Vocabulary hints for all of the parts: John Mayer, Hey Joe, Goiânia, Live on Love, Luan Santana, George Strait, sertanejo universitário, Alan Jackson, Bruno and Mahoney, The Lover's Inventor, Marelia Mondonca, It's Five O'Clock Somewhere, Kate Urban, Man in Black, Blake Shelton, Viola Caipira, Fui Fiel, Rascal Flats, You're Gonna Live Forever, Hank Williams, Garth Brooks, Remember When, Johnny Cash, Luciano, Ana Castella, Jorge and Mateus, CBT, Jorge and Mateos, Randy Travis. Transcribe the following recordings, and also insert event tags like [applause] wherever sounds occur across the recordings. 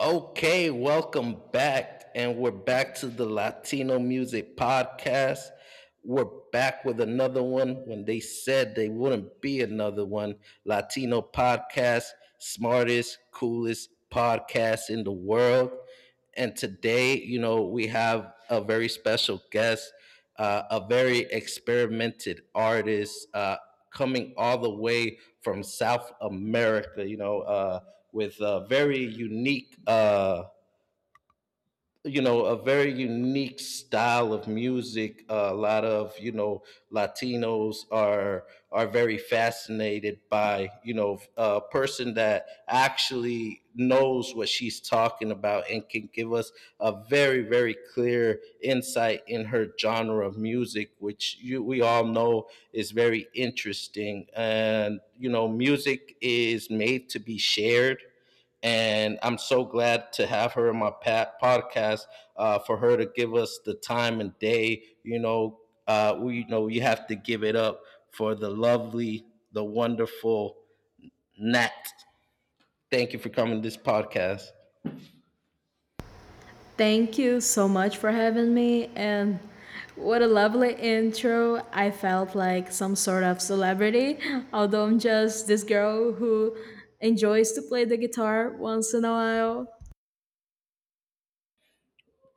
Okay, welcome back. And we're back to the Latino Music Podcast. We're back with another one when they said they wouldn't be another one. Latino Podcast, smartest, coolest podcast in the world. And today, we have a very special guest, a very experimented artist coming all the way from South America, with a very unique a very unique style of music. A lot of latinos are very fascinated by a person that actually knows what she's talking about and can give us a very clear insight in her genre of music which we all know is very interesting, and music is made to be shared. And I'm so glad to have her in my podcast, for her to give us the time and day. We we have to give it up for the lovely, the wonderful Nat. Thank you for coming to this podcast. Thank you so much for having me, and what a lovely intro. I felt like some sort of celebrity, although I'm just this girl who enjoys to play the guitar once in a while.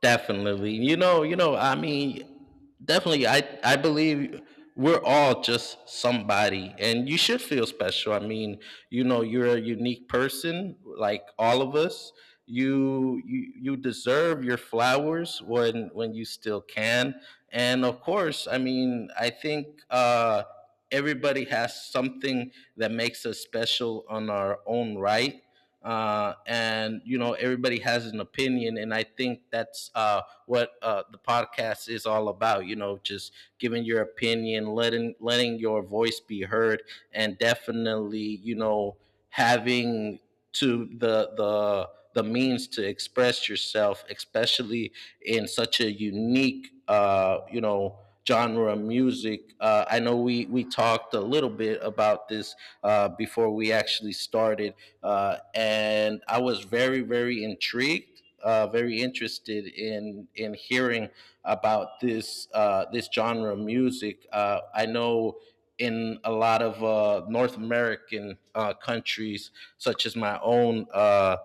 Definitely. Definitely I believe we're all just somebody and you should feel special. You're a unique person like all of us. You deserve your flowers when you still can. And of course, I mean, I think everybody has something that makes us special on our own right, and everybody has an opinion, and I think that's what the podcast is all about, just giving your opinion, letting your voice be heard. And definitely, having to the means to express yourself, especially in such a unique genre of music. I know we talked a little bit about this before we actually started, and I was very, very intrigued, very interested in hearing about this genre of music. I know in a lot of North American countries, such as my own. Uh,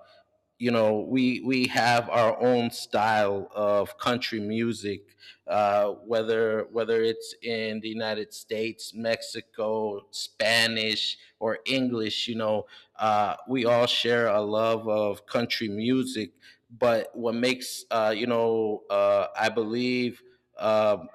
you know, We have our own style of country music, whether it's in the United States, Mexico, Spanish, or English. We all share a love of country music. But what makes you know, I believe. Uh,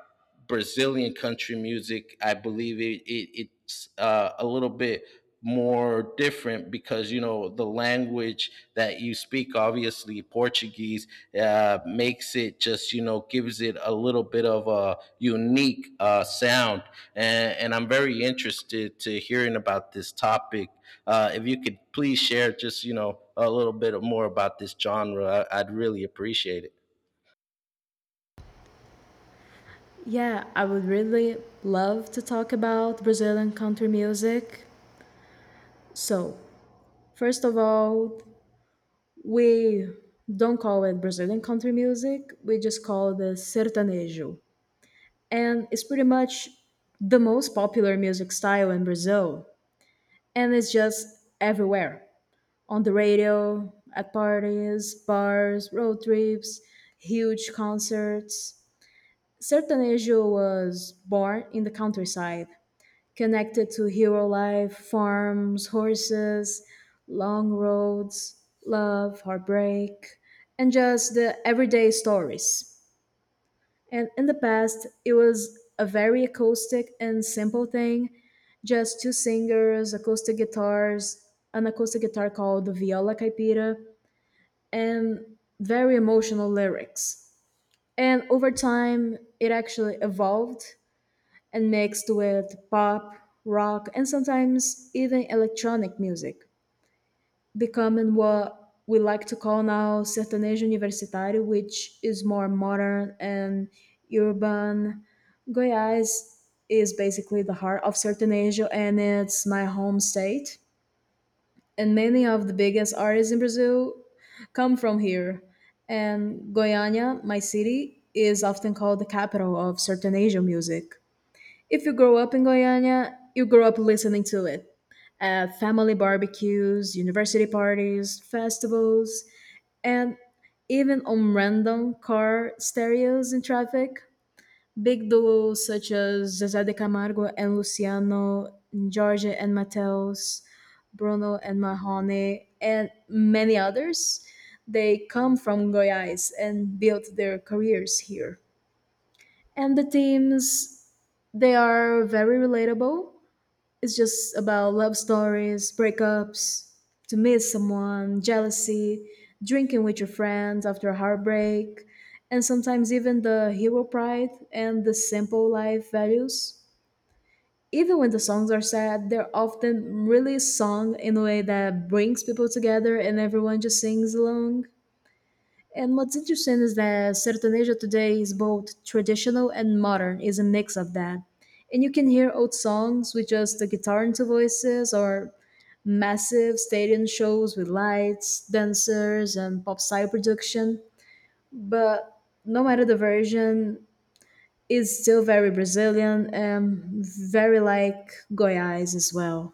Brazilian country music, I believe it's a little bit more different because the language that you speak, obviously Portuguese, makes it, just gives it a little bit of a unique sound. And I'm very interested to hearing about this topic. If you could please share just a little bit more about this genre, I'd really appreciate it. Yeah, I would really love to talk about Brazilian country music. So, first of all, we don't call it Brazilian country music, we just call it the sertanejo. And it's pretty much the most popular music style in Brazil. And it's just everywhere on the radio, at parties, bars, road trips, huge concerts. Sertanejo was born in the countryside, connected to hero life, farms, horses, long roads, love, heartbreak, and just the everyday stories. And in the past, it was a very acoustic and simple thing, just two singers, acoustic guitars, an acoustic guitar called the Viola Caipira, and very emotional lyrics. And over time, it actually evolved and mixed with pop, rock, and sometimes even electronic music, becoming what we like to call now sertanejo universitário, which is more modern and urban. Goiás is basically the heart of sertanejo, and it's my home state. And many of the biggest artists in Brazil come from here. And Goiânia, my city, is often called the capital of sertanejo music. If you grow up in Guyana, you grow up listening to it at family barbecues, university parties, festivals, and even on random car stereos in traffic. Big duos such as Zezé de Camargo and Luciano, Jorge and Mateus, Bruno and Mahoney, and many others, they come from Goiás and built their careers here. And the themes, they are very relatable. It's just about love stories, breakups, to miss someone, jealousy, drinking with your friends after a heartbreak, and sometimes even the hero pride and the simple life values. Even when the songs are sad, they're often really sung in a way that brings people together and everyone just sings along. And what's interesting is that Sertanejo today is both traditional and modern, is a mix of that. And you can hear old songs with just the guitar and two voices, or massive stadium shows with lights, dancers, and pop style production. But no matter the version, it's still very Brazilian and very like Goiás as well.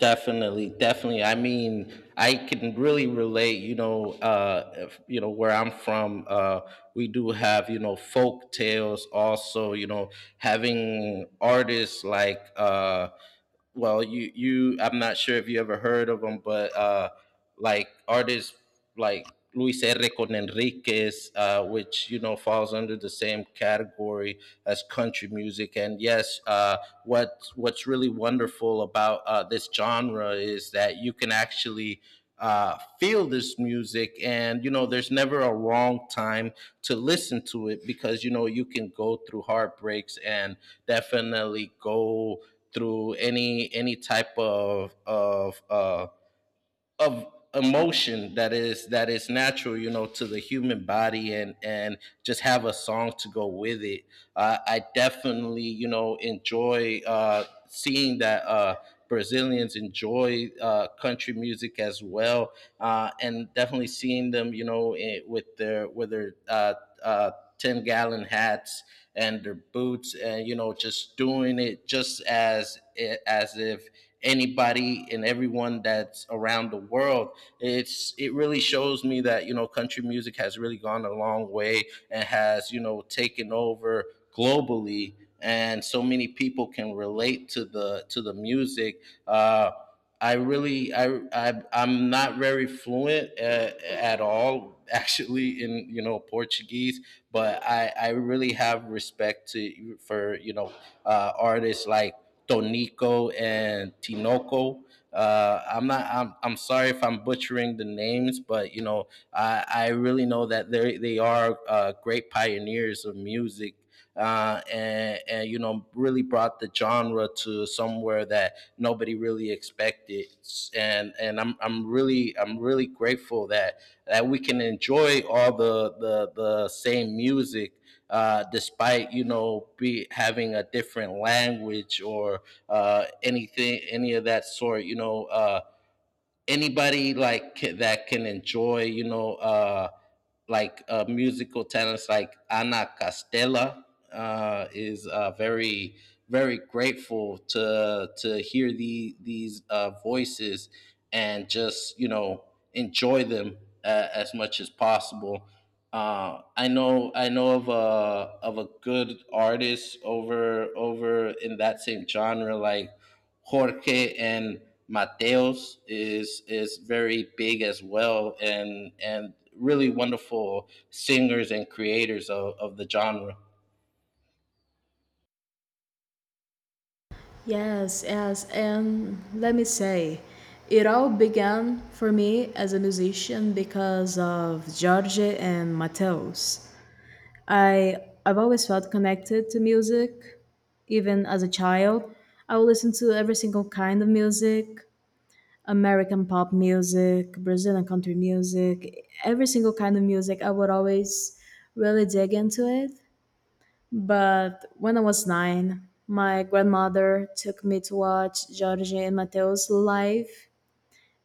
Definitely, definitely. I mean, I can really relate, you know, if, you know, where I'm from, we do have, folk tales also, having artists like, I'm not sure if you ever heard of them, but, like artists like Luis R. con Enriquez, which falls under the same category as country music. And yes, what's really wonderful about this genre is that you can actually feel this music, and there's never a wrong time to listen to it, because you can go through heartbreaks and definitely go through any type of of emotion that is natural, to the human body, and just have a song to go with it. I definitely enjoy seeing that brazilians enjoy country music as well. And definitely seeing them, with their uh 10-gallon hats and their boots, and just doing it, just as as if anybody and everyone that's around the world. It really shows me that country music has really gone a long way and has taken over globally, and so many people can relate to the music. Uh, I really I'm not very fluent at all [laughs] actually in Portuguese, but I really have respect to for artists like Tonico and Tinoco. I'm not. I'm sorry if I'm butchering the names, but I really know that they are great pioneers of music, and really brought the genre to somewhere that nobody really expected. I'm really grateful that we can enjoy all the same music, despite be having a different language or anything any of that sort. Anybody like that can enjoy, like musical talents like Ana Castella, is very very grateful to hear these voices, and just enjoy them as much as possible. I know, I know of a good artist over in that same genre, like Jorge and Mateos is very big as well, and really wonderful singers and creators of the genre. Yes, yes, and let me say, it all began for me as a musician because of Jorge and Mateus. I I've always felt connected to music, even as a child. I would listen to every single kind of music, American pop music, Brazilian country music, every single kind of music. I would always really dig into it. But when I was nine, my grandmother took me to watch Jorge and Mateo's live,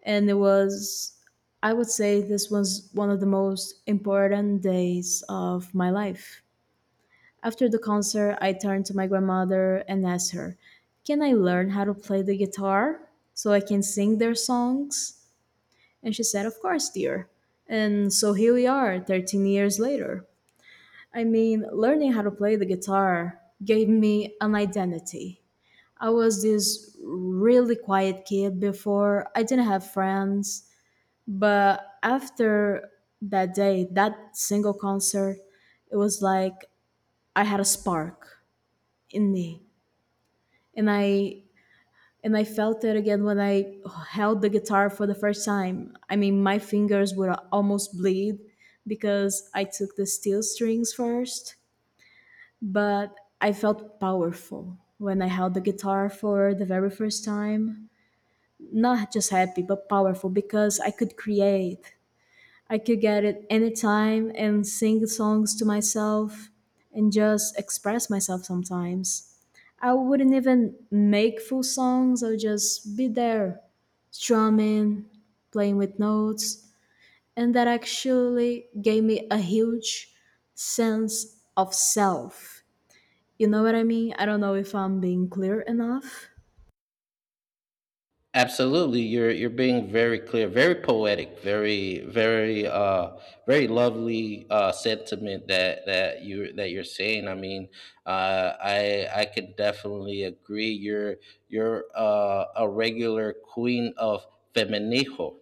and it was, I would say, this was one of the most important days of my life. After the concert, I turned to my grandmother and asked her, "Can I learn how to play the guitar so I can sing their songs?" And she said, "Of course, dear." And so here we are, 13 years later. I mean, learning how to play the guitar gave me an identity. I was this really quiet kid before, I didn't have friends. But after that day, that single concert, it was like I had a spark in me. And I and I felt it again when I held the guitar for the first time. I mean, my fingers would almost bleed because I took the steel strings first, but I felt powerful when I held the guitar for the very first time. Not just happy, but powerful because I could create. I could get it anytime and sing songs to myself and just express myself sometimes. I wouldn't even make full songs, I would just be there, strumming, playing with notes. And that actually gave me a huge sense of self, you know what I mean? I don't know if I'm being clear enough. Absolutely, you're being very clear, very poetic, very lovely sentiment that that you that you're saying. I mean, I could definitely agree you're a regular queen of feminijo.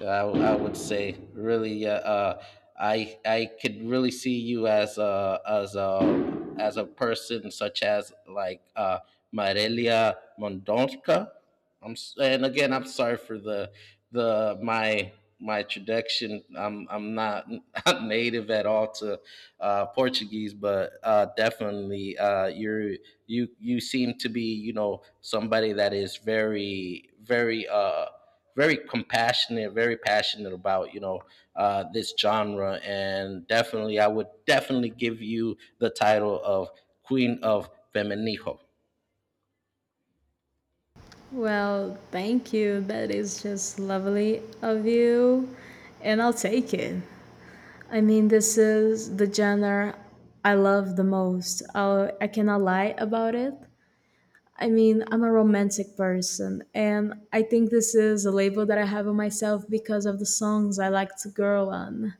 I would say really, I could really see you as a person such as like Marelia Mondonca. I'm and Again, I'm sorry for the my my traduction. I'm not, [laughs] not native at all to Portuguese, but definitely, you're you you seem to be somebody that is very compassionate, very passionate about this genre, and definitely I would definitely give you the title of Queen of Feminijo. Well, thank you. That is just lovely of you. And I'll take it. I mean, this is the genre I love the most. I'll, I cannot lie about it. I mean, I'm a romantic person, and I think this is a label that I have on myself because of the songs I like to girl on.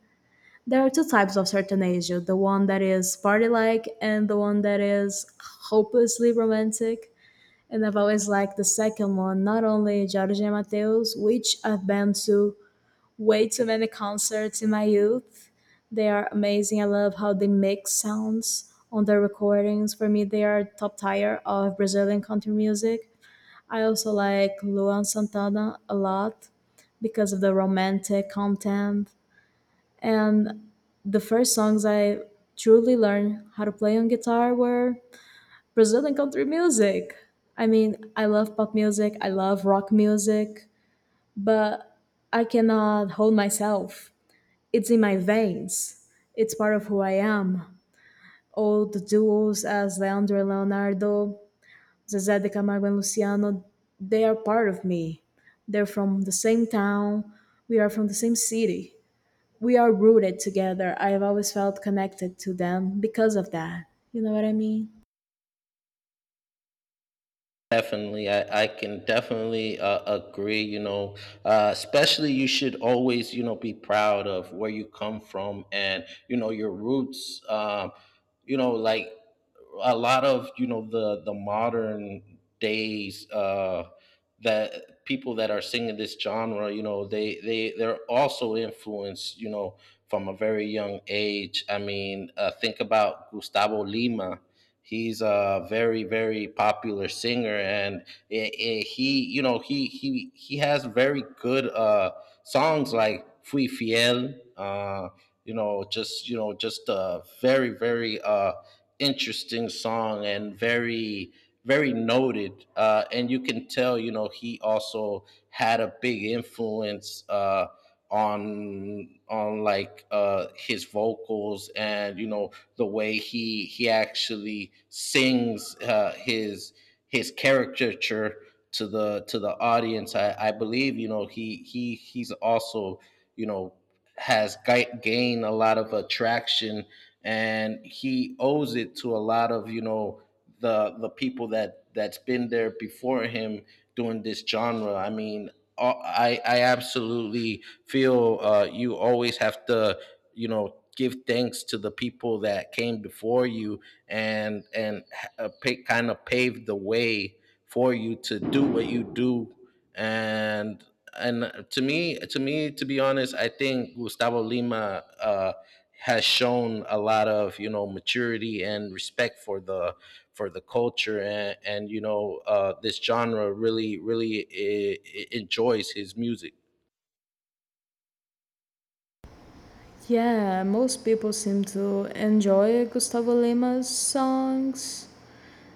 There are two types of Sertanejo, the one that is party like, and the one that is hopelessly romantic. And I've always liked the second one, not only Jorge Mateus, which I've been to way too many concerts in my youth. They are amazing. I love how they mix sounds on their recordings. For me, they are top tier of Brazilian country music. I also like Luan Santana a lot because of the romantic content. And the first songs I truly learned how to play on guitar were Brazilian country music. I mean, I love pop music, I love rock music, but I cannot hold myself. It's in my veins, it's part of who I am. All the duos as Leandro and Leonardo, Zezé de Camargo and Luciano, they are part of me. They're from the same town, we are from the same city. We are rooted together. I have always felt connected to them because of that. You know what I mean? Definitely, I can definitely agree. Especially you should always, be proud of where you come from, and your roots. Like a lot of the modern days that people that are singing this genre, they're also influenced, from a very young age. I mean, think about Gustavo Lima. He's a very very popular singer, and it- he he has very good songs like "Fui Fiel." Just a very very interesting song, and very very noted. And you can tell he also had a big influence. On like his vocals, and the way he actually sings his caricature to the audience. I believe, he's also, you know has gained a lot of attraction, and he owes it to a lot of, the people that that's been there before him doing this genre. I mean, I absolutely feel, you always have to, give thanks to the people that came before you, and kind of paved the way for you to do what you do. And to me, to be honest, I think Gustavo Lima, has shown a lot of, maturity and respect for the culture. And this genre, really really, enjoys his music. Yeah, most people seem to enjoy Gustavo Lima's songs.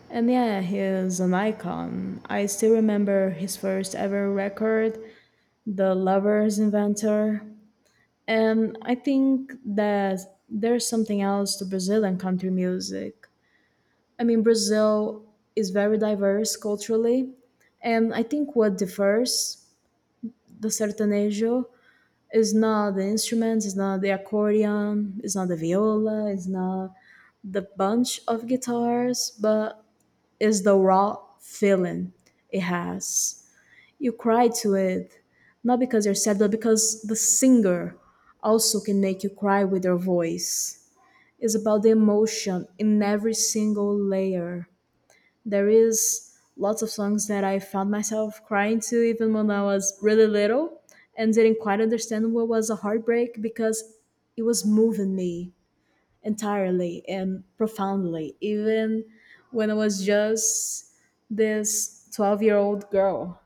And yeah, he is an icon. I still remember his first ever record, The Lover's Inventor. And I think that there's something else to Brazilian country music. I mean, Brazil is very diverse culturally, and I think what differs the sertanejo is not the instruments, it's not the accordion, it's not the viola, it's not the bunch of guitars, but is the raw feeling it has. You cry to it, not because you're sad, but because the singer also can make you cry with their voice. It's about the emotion in every single layer. There is lots of songs that I found myself crying to even when I was really little and didn't quite understand what was a heartbreak because it was moving me entirely and profoundly, even when I was just this 12-year-old girl.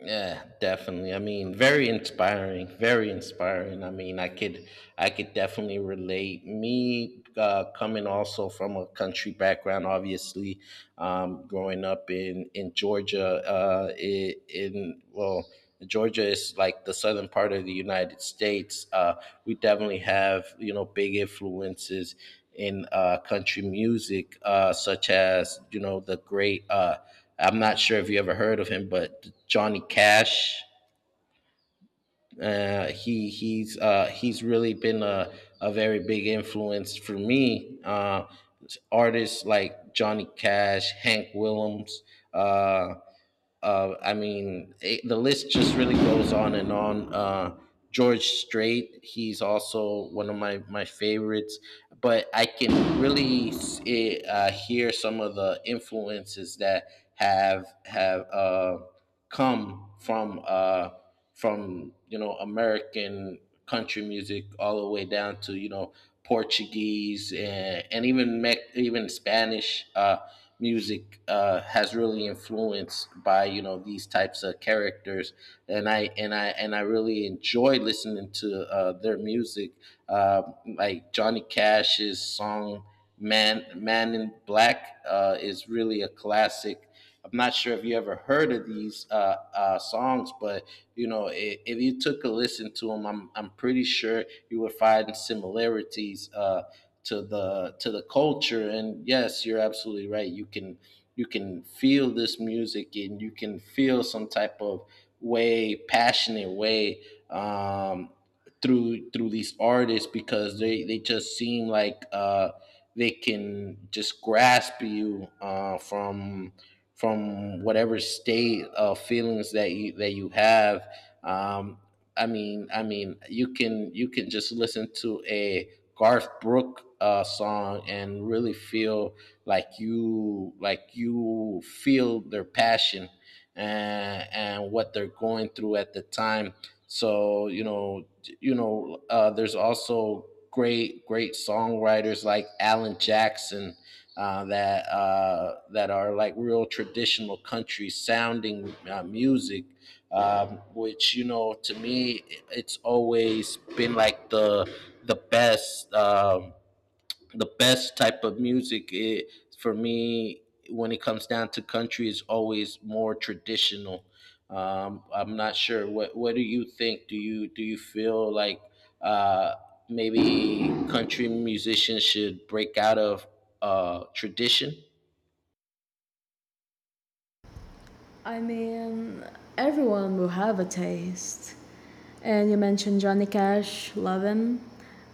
Yeah, definitely. I mean, very inspiring, very inspiring. I could, I could definitely relate me, coming also from a country background obviously. Growing up in Georgia. Georgia is like the southern part of the United States. We definitely have, big influences in country music, such as the great. I'm not sure if you ever heard of him, but Johnny Cash. He's really been a very big influence for me. Artists like Johnny Cash, Hank Williams, uh, I mean, the list just really goes on and on. George Strait, he's also one of my favorites, but I can really hear some of the influences that have come from American country music, all the way down to, Portuguese, and even even Spanish music, has really influenced by these types of characters. And I really enjoy listening to their music, uh, like Johnny Cash's song Man in Black" is really a classic. I'm not sure if you ever heard of these songs, but you know, if you took a listen to them, I'm pretty sure you would find similarities to the culture. And yes, you're absolutely right. You can feel this music, and you can feel some type of way, passionate way. Um, through these artists because they just seem like they can just grasp you from whatever state of feelings that you have. um I mean you can just listen to a garth Brooks song and really feel like you feel their passion and what they're going through at the time. so you know, there's also great songwriters like Alan Jackson, that are like real traditional country sounding music, which, you know, to me, it's always been like the best. The best type of music, I for me, when it comes down to country, is always more traditional. I'm not sure what do you think? Do you feel like uh, maybe country musicians should break out of tradition? I mean, everyone will have a taste. And you mentioned Johnny Cash, love him.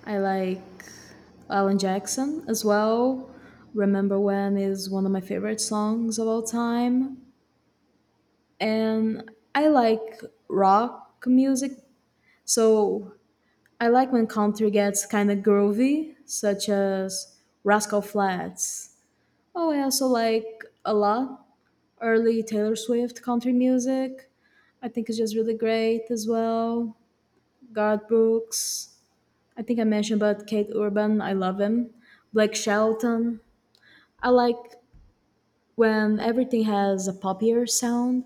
I like Alan Jackson as well. Remember When is one of my favorite songs of all time. And I like rock music. So I like when country gets kind of groovy, such as Rascal Flats. Oh, I also like a lot early Taylor Swift country music. I think it's just really great as well. God Brooks. I think I mentioned about Kate Urban. I love him. Blake Shelton. I like when everything has a poppier sound,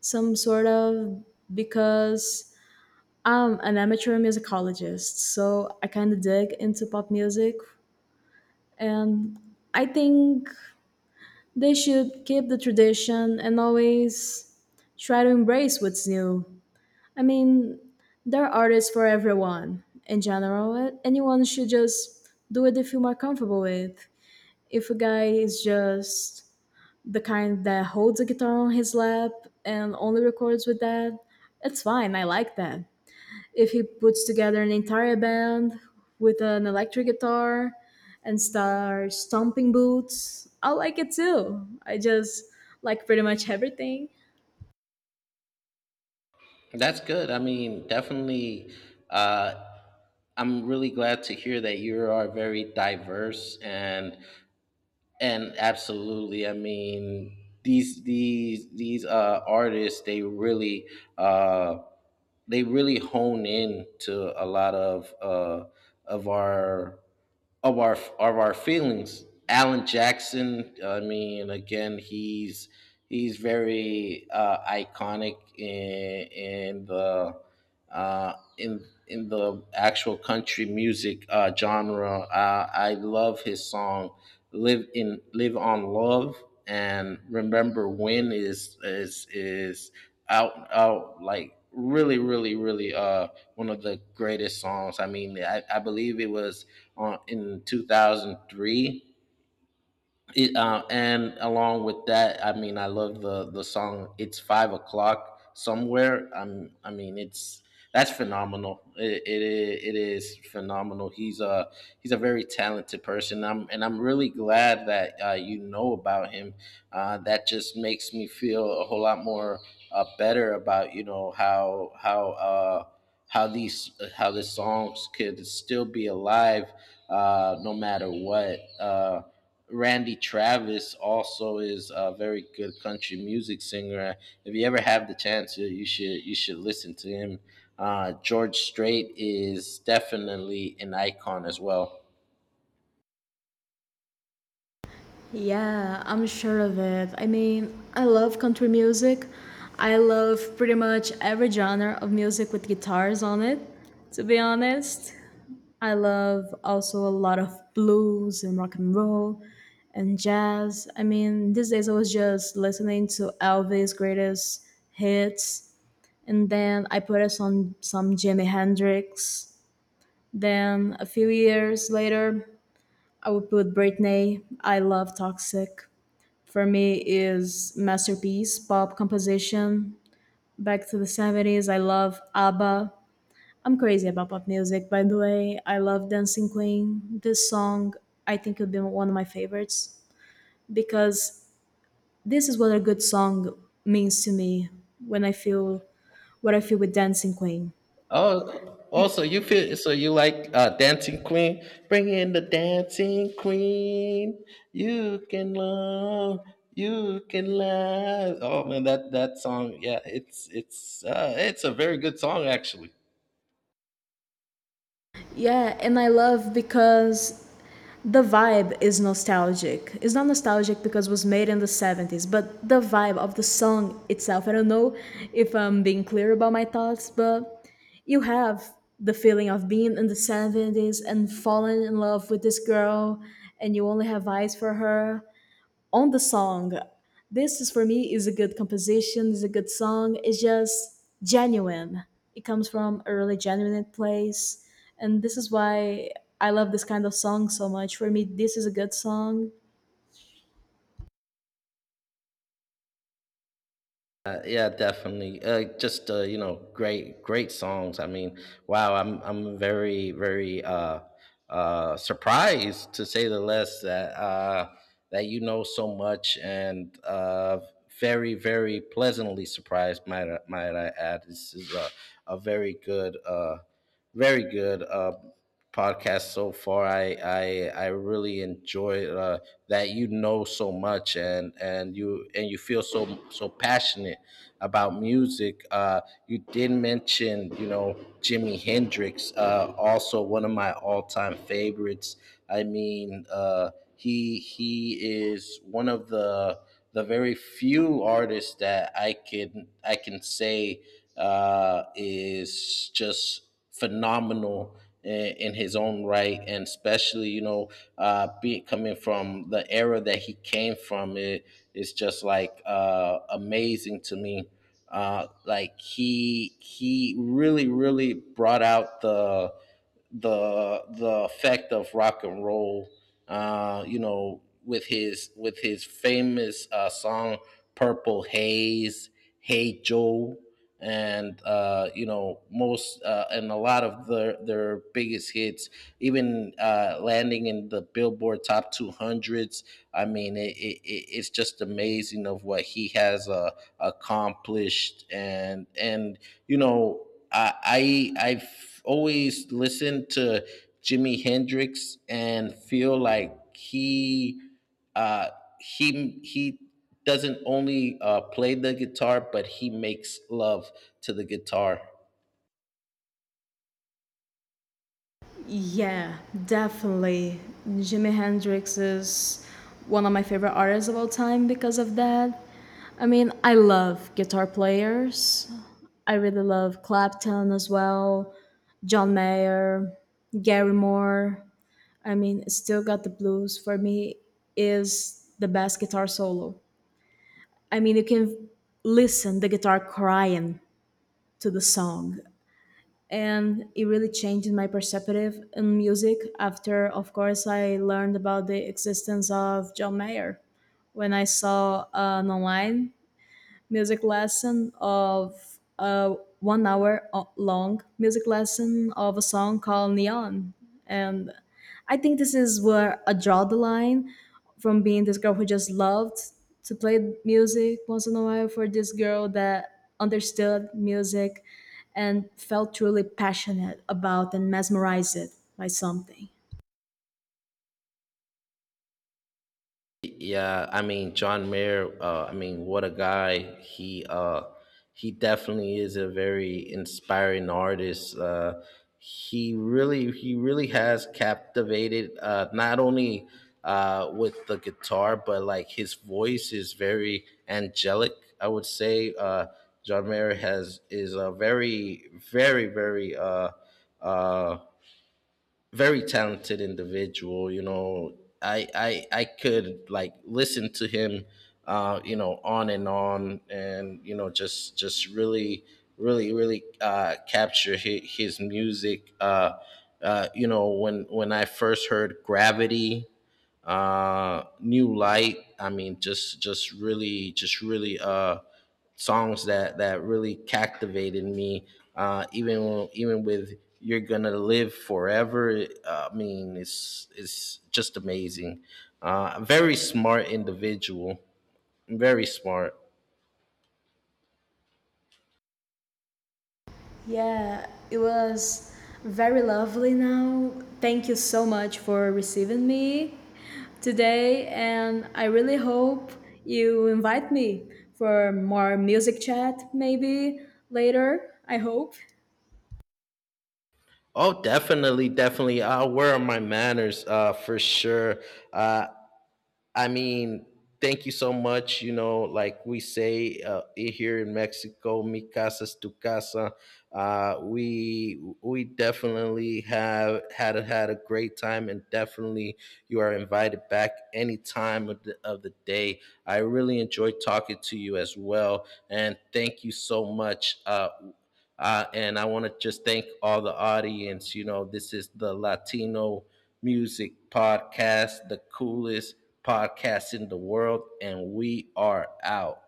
some sort of, because I'm an amateur musicologist, so I kind of dig into pop music. And I think they should keep the tradition and always try to embrace what's new. I mean, there are artists for everyone in general. Anyone should just do it they feel more comfortable with. If a guy is just the kind that holds a guitar on his lap and only records with that, it's fine. I like that. If he puts together an entire band with an electric guitar and start stomping boots, I like it too. I just like pretty much everything. That's good. I mean, definitely. Uh, I'm really glad to hear that you are very diverse. And absolutely, I mean, these artists, uh, they really hone in to a lot of our of our feelings. Alan Jackson, I mean, again, he's very iconic in the uh, in the actual country music genre. I love his song "Live in Live on Love" and "Remember When" is out like really one of the greatest songs. I mean, I believe it was in 2003. And along with that, I mean, I love the song. It's 5 o'clock somewhere. I mean, it's that's phenomenal. It is phenomenal. He's a very talented person. I'm really glad that you know about him. That just makes me feel a whole lot more better about, you know, how. How these, how the songs could still be alive no matter what. Randy Travis also is a very good country music singer. If you ever have the chance, you should listen to him. George Strait is definitely an icon as well. Yeah, I'm sure of it. I mean, I love country music. I love pretty much every genre of music with guitars on it, to be honest. I love also a lot of blues and rock and roll and jazz. I mean, these days I was just listening to Elvis' greatest hits, and then I put us on some Jimi Hendrix. Then a few years later, I would put Britney. I love Toxic. For me, is masterpiece pop composition. Back to the 70s, I love ABBA. I'm crazy about pop music, by the way. I love Dancing Queen. This song, I think, would be one of my favorites because this is what a good song means to me when I feel what I feel with Dancing Queen. Oh, Be- also you feel so you like Dancing Queen? Bring in the Dancing Queen. You can love, you can laugh. Oh man, that song, yeah, it's a very good song actually. yeah, and I love because the vibe is nostalgic. It's not nostalgic because it was made in the 70s, but the vibe of the song itself. I don't know if I'm being clear about my thoughts, but you have the feeling of being in the 70s and falling in love with this girl and you only have eyes for her on the song. This is for me is a good composition, is a good song, it's just genuine. It comes from a really genuine place, and this is why I love this kind of song so much. For me, this is a good song. Yeah, definitely. Just you know, great songs. I mean, wow, I'm very surprised, to say the least, that that you know so much, and very, very pleasantly surprised. Might I add? This is a very good, very good podcast so far. I really enjoyed. That you know so much, and and you feel so passionate about music. You did mention, you know, Jimi Hendrix, also one of my all time favorites. I mean, he is one of the very few artists that I can say is just phenomenal in, in his own right, and especially, you know, be coming from the era that he came from, it is just like amazing to me. Like he really brought out the the effect of rock and roll. You know, with his famous song "Purple Haze," "Hey Joe," and you know, most and a lot of their biggest hits even landing in the Billboard Top 200s. I mean, it's just amazing of what he has accomplished, and you know, I, I've always listened to Jimi Hendrix and feel like uh, he doesn't only play the guitar, but he makes love to the guitar. Yeah, definitely, Jimi Hendrix is one of my favorite artists of all time because of that. I mean, I love guitar players. I really love Clapton as well, John Mayer, Gary Moore. I mean, Still Got the Blues for me is the best guitar solo. I mean, you can listen the guitar crying to the song and it really changed my perspective in music after of course I learned about the existence of John Mayer when I saw an online music lesson of a 1 hour long music lesson of a song called Neon. And I think this is where I draw the line from being this girl who just loved to play music once in a while for this girl that understood music and felt truly passionate about and mesmerized by something. Yeah, I mean, John Mayer. I mean, what a guy! He definitely is a very inspiring artist. He really has captivated not only with the guitar, but like his voice is very angelic. I would say John Mayer has is a very uh, very talented individual. You know, I could like listen to him, you know, on, and you know, just really capture his music. You know, when I first heard Gravity, new light. I mean, just really songs that really captivated me, even with you're gonna live forever. I mean, it's just amazing. Very smart individual, very smart. Yeah, it was very lovely now. Thank you so much for receiving me today, and I really hope you invite me for more music chat maybe later. I hope. Oh, definitely, definitely. Where are my manners? For sure. uh I mean, thank you so much. You know, like we say, here in Mexico, mi casa es tu casa. We definitely have had a, had a great time, and definitely you are invited back any time of the day. I really enjoyed talking to you as well, and thank you so much. And I want to just thank all the audience. You know, this is the Latino Music Podcast, the coolest podcast in the world, and we are out.